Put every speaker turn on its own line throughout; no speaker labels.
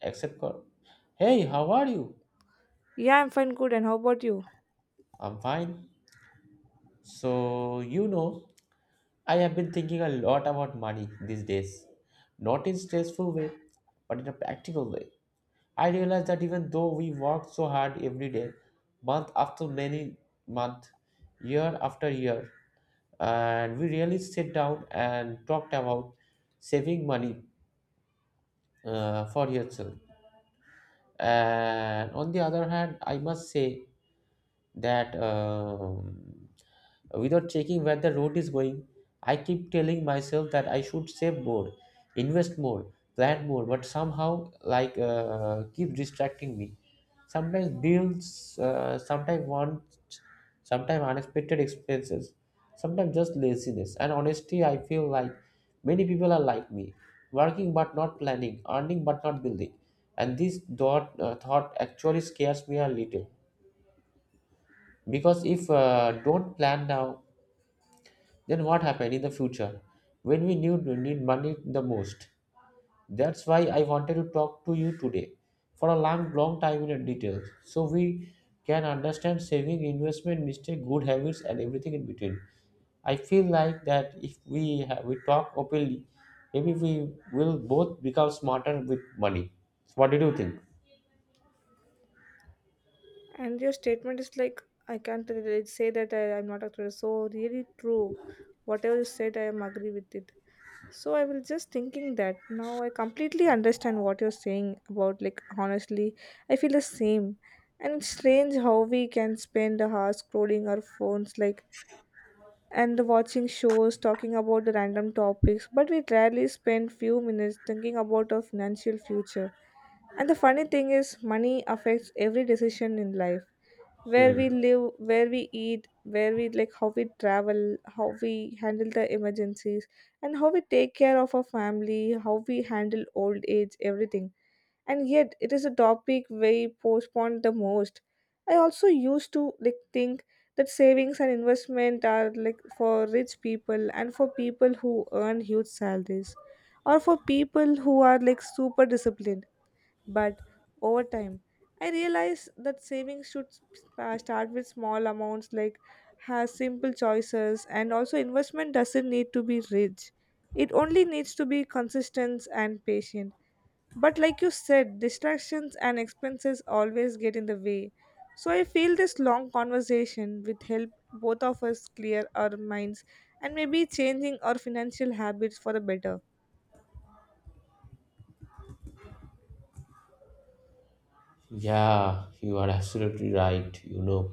Except God. Hey, how are you?
Yeah, I'm fine, good. And how about you?
I'm fine. So, you know, I have been thinking a lot about money these days. Not in stressful way, but in a practical way. I realize that even though we work so hard every day, month after many month, year after year, and we really sit down and talked about saving money for yourself. And on the other hand, I must say that without checking where the road is going, I keep telling myself that I should save more, invest more, plan more, but somehow like keep distracting me. Sometimes bills, sometimes wants, sometimes unexpected expenses, sometimes just laziness. And honestly I feel like many people are like me, working but not planning, earning but not building. And this thought actually scares me a little, because if don't plan now, then what happened in the future when we need money the most. That's why I wanted to talk to you today for a long long time in detail, so we can understand saving, investment, mistake, good habits, and everything in between. I feel like that if we talk openly, maybe we will both become smarter with money. What did you think?
And your statement is like, I can't really say that I'm not a tourist. So, really true. Whatever you said, I am agree with it. So, I was just thinking that now I completely understand what you're saying about, like, honestly, I feel the same. And it's strange how we can spend hours scrolling our phones, like, and watching shows, talking about the random topics, but we rarely spend few minutes thinking about our financial future. And the funny thing is, money affects every decision in life, where
Hmm.
we live, where we eat, where we like how we travel, how we handle the emergencies, and how we take care of our family, how we handle old age, everything. And yet, it is a topic we postpone the most. I also used to like think that savings and investment are like for rich people and for people who earn huge salaries or for people who are like super disciplined, but over time, I realized that savings should start with small amounts, like have simple choices, and also investment doesn't need to be rich. It only needs to be consistent and patient. But like you said, distractions and expenses always get in the way. So I feel this long conversation with help both of us clear our minds and maybe changing our financial habits for the better.
Yeah, you are absolutely right, you know.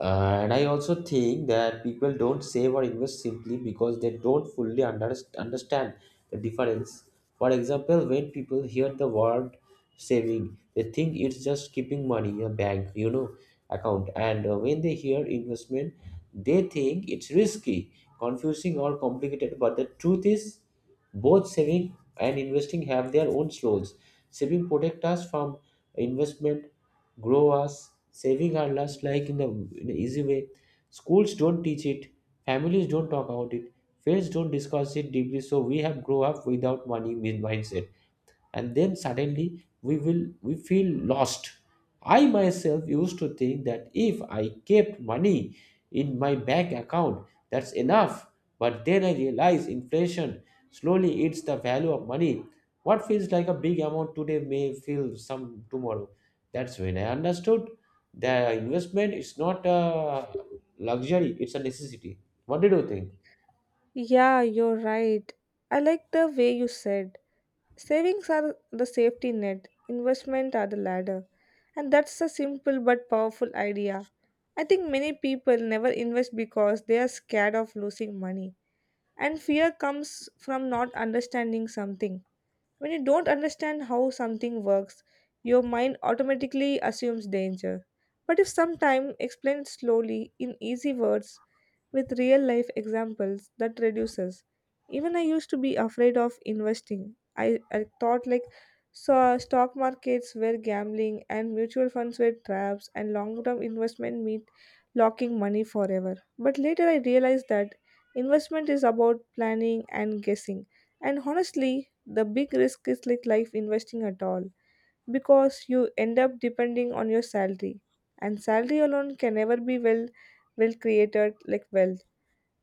And I also think that people don't save or invest simply because they don't fully understand the difference. For example, when people hear the word saving, they think it's just keeping money in a bank, you know, account. And when they hear investment, they think it's risky, confusing, or complicated. But the truth is, both saving and investing have their own slows. Saving protect us from investment, grow us, saving our lust like in the in an easy way. Schools don't teach it, families don't talk about it, friends don't discuss it deeply. So we have grow up without money mindset, and then suddenly we feel lost. I myself used to think that if I kept money in my bank account that's enough, but then I realized inflation slowly eats the value of money. What feels like a big amount today may feel some tomorrow. That's when I understood the investment is not a luxury, it's a necessity. What did you think?
Yeah, you're right. I like the way you said, savings are the safety net, investment are the ladder. And that's a simple but powerful idea. I think many people never invest because they are scared of losing money. And fear comes from not understanding something. When you don't understand how something works, your mind automatically assumes danger. But if sometime explained slowly in easy words with real life examples, that reduces. Even I used to be afraid of investing. I thought like stock markets were gambling and mutual funds were traps and long term investment meant locking money forever. But later I realized that investment is about planning and guessing. And honestly, the big risk is like life investing at all, because you end up depending on your salary, and salary alone can never be well created like wealth.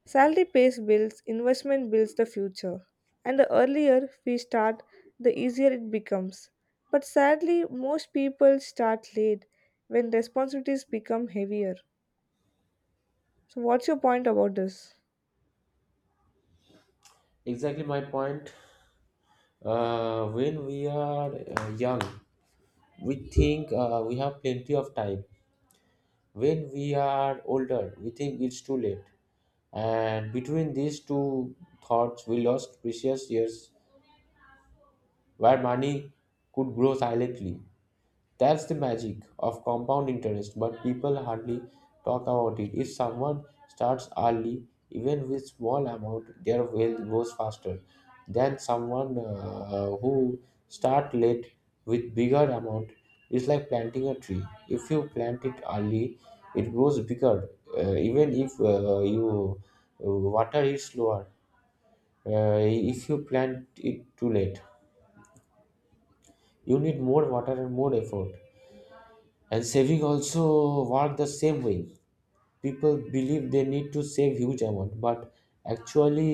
Salary pays bills, investment builds the future, and the earlier we start, the easier it becomes. But sadly most people start late when responsibilities become heavier. So what's your point about this?
Exactly my point. When we are young, we think we have plenty of time. When we are older, we think it's too late. And between these two thoughts, we lost precious years where money could grow silently. That's the magic of compound interest, but people hardly talk about it. If someone starts early, even with small amount, their wealth grows faster than someone who start late with bigger amount. It's like planting a tree. If you plant it early, it grows bigger. Even if you water it slower, if you plant it too late, you need more water and more effort. And saving also work the same way. People believe they need to save huge amount, but actually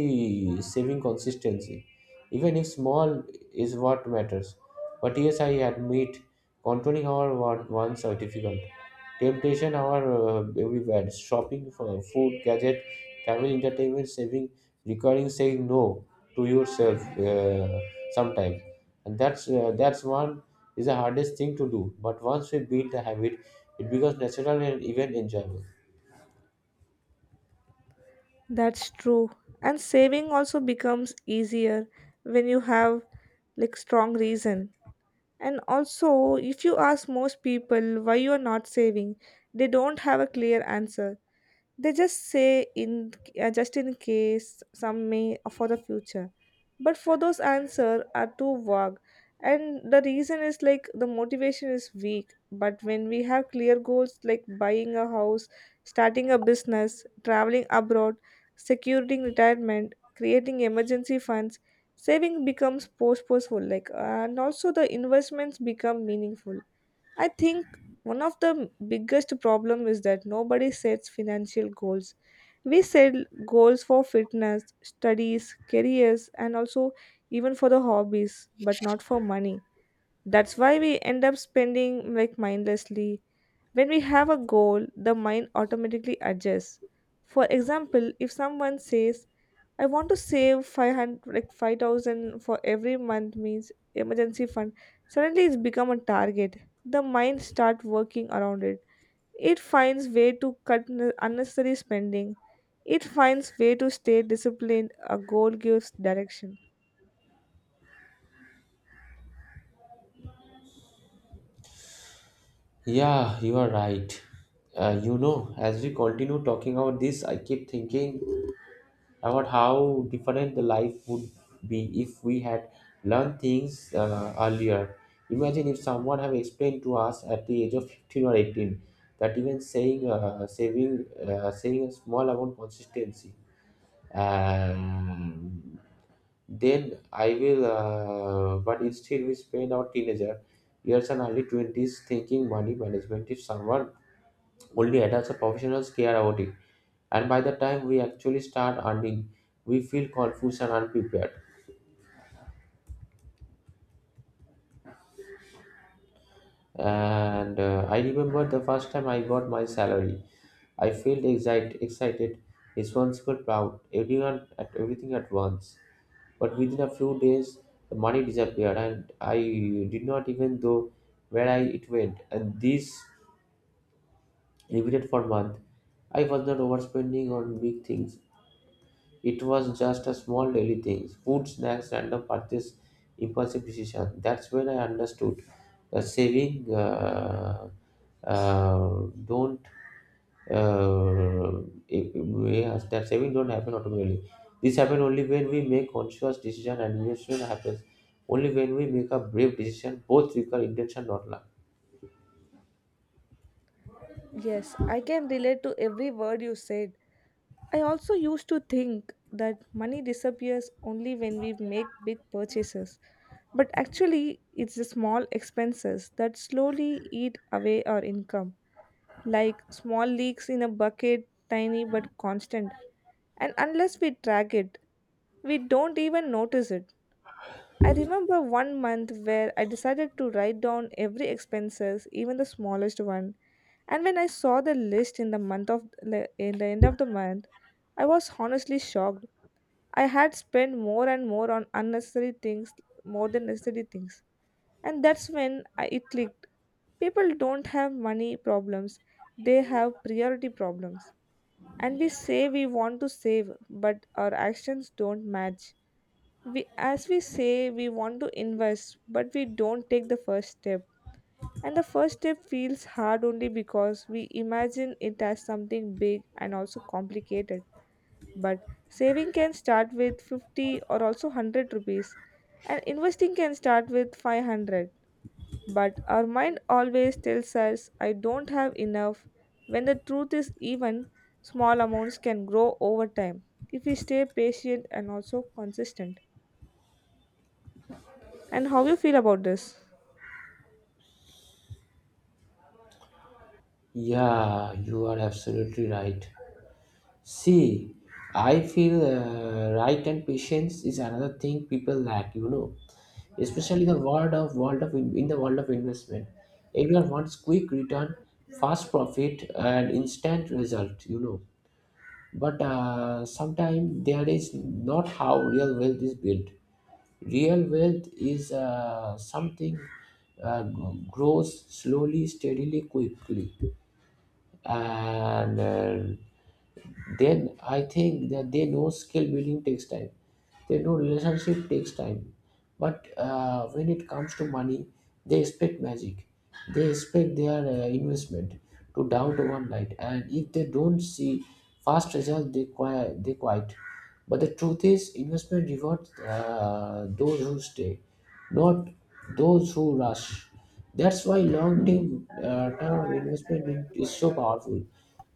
saving consistency, even if small, is what matters. But yes, I admit, controlling our wants are difficult. Temptation are everywhere, shopping for food, gadget, travel, entertainment. Saving requiring saying no to yourself uh, sometime, and that's one is the hardest thing to do. But once we build the habit, it becomes natural and even enjoyable.
That's true. And saving also becomes easier when you have like strong reason. And also, if you ask most people why you're not saving, they don't have a clear answer. They just say in just in case, some may for the future. But for those answer are too vague, and the reason is like the motivation is weak. But when we have clear goals like buying a house, starting a business, traveling abroad, securing retirement, creating emergency funds, saving becomes purposeful, like, and also the investments become meaningful. I think one of the biggest problem is that nobody sets financial goals. We set goals for fitness, studies, careers, and also even for the hobbies, but not for money. That's why we end up spending like mindlessly. When we have a goal, the mind automatically adjusts. For example, if someone says, I want to save 500, like 5000 for every month means emergency fund. Suddenly it's become a target. The mind start working around it. It finds way to cut unnecessary spending. It finds way to stay disciplined. A goal gives direction.
Yeah, you are right. You know, as we continue talking about this, I keep thinking about how different the life would be if we had learned things earlier. Imagine if someone have explained to us at the age of 15 or 18, that even saying saving saving a small amount consistency, um, then I will, but instead we spend our teenager years and early 20s thinking money management is someone only adults or professionals care about it. And by the time we actually start earning, we feel confused and unprepared. And I remember the first time I got my salary. I felt excited, responsible, proud, everyone at everything at once. But within a few days, the money disappeared, and I did not even know where I it went. And this repeated for month. I was not overspending on big things, it was just a small daily things, food, snacks, random purchase, impulsive decision. That's when I understood the saving uh, don't uh, it- we that saving don't happen automatically. This happens only when we make conscious decision, and investment happens only when we make a brave decision. Both require intention, not luck.
Yes, I can relate to every word you said. I also used to think that money disappears only when we make big purchases. But actually, it's the small expenses that slowly eat away our income, like small leaks in a bucket, tiny but constant. And unless we track it, we don't even notice it. I remember one month where I decided to write down every expenses, even the smallest one. And when I saw the list in the in the end of the month, I was honestly shocked. I had spent more and more on unnecessary things, more than necessary things. And that's when I, it clicked. People don't have money problems, they have priority problems. And we say we want to save, but our actions don't match. As we say we want to invest, but we don't take the first step. And the first step feels hard only because we imagine it as something big and also complicated. But saving can start with 50 or also 100 rupees, and investing can start with 500, but our mind always tells us, I don't have enough, when the truth is, even small amounts can grow over time if we stay patient and also consistent. And how you feel about this?
Yeah, you are absolutely right. See, I feel right, and patience is another thing people lack, you know, especially the world of investment. Everyone wants quick return, fast profit, and instant result, you know. But sometimes there is not how real wealth is built. Real wealth is something uh, grows slowly, steadily, quickly, and. Then I think that they know skill building takes time. They know relationship takes time. But when it comes to money, they expect magic. They expect their investment to down to one night. And if they don't see fast results, they quiet. They quiet. But the truth is, investment rewards those who stay, not those who rush. That's why long-term term investment in, is so powerful,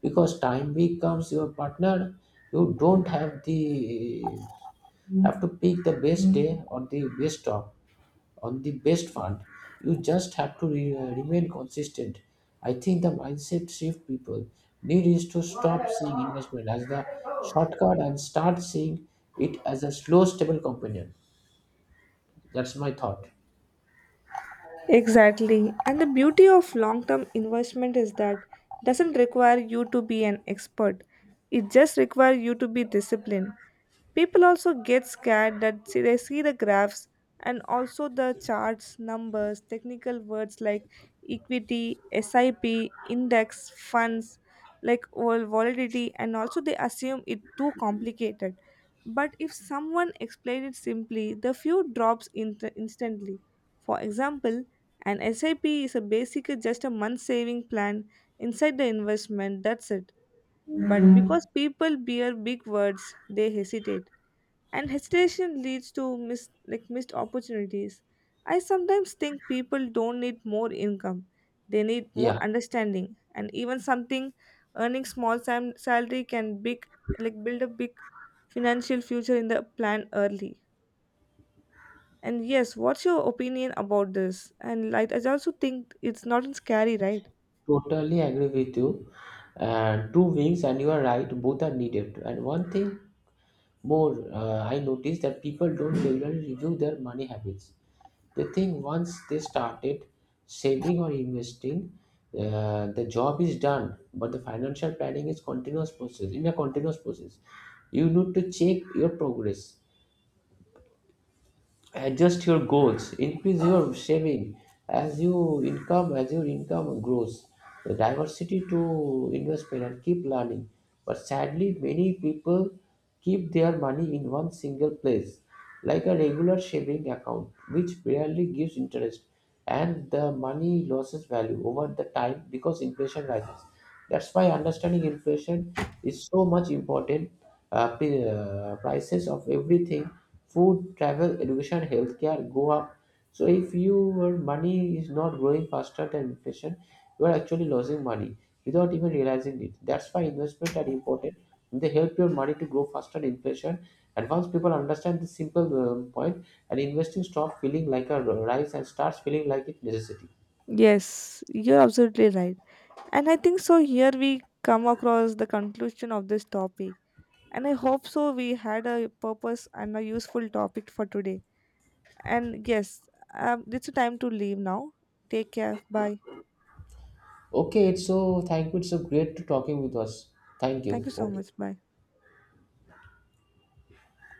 because time becomes your partner. You don't have the have to pick the best day or the best stock on the best fund. You just have to remain consistent. I think the mindset shift people need is to stop seeing investment as the shortcut and start seeing it as a slow, stable companion. That's my thought.
Exactly. And the beauty of long term investment is that doesn't require you to be an expert. It just requires you to be disciplined. People also get scared that see, they see the graphs and also the charts, numbers, technical words like equity, SIP, index, funds, like all volatility, and also they assume it too complicated. But if someone explained it simply, the few drops in instantly. For example, an SIP is a basically just a month saving plan inside the investment, that's it. But because people bear big words, they hesitate. And hesitation leads to missed opportunities. I sometimes think people don't need more income. They need more
Yeah.
understanding. And even something earning small salary can big like build a big financial future in the plan early. And yes, what's your opinion about this? And like, I also think it's not scary, right?
Totally agree with you. And two wings, and you are right, both are needed. And one thing more, I noticed that people don't regularly review their money habits. They think once they started saving or investing, the job is done. But the financial planning is continuous process. In a continuous process, you need to check your progress, adjust your goals, increase your saving as your income grows, the diversity to investment, and keep learning. But sadly many people keep their money in one single place, like a regular saving account, which barely gives interest, and the money loses value over the time because inflation rises. That's why understanding inflation is so much important. Prices of everything, food, travel, education, healthcare go up. So if your money is not growing faster than inflation, you are actually losing money without even realizing it. That's why investment are important. They help your money to grow faster than inflation. And once people understand this simple point, and investing stop feeling like a rise and starts feeling like it necessity.
Yes, you're absolutely right. And I think so. Here we come across the conclusion of this topic. And I hope so. We had a purpose and a useful topic for today. And yes, it's a time to leave now. Take care. Bye.
Okay, it's so thank you. It's so great to talking with us. Thank you.
Thank you so
Okay.
much. Bye.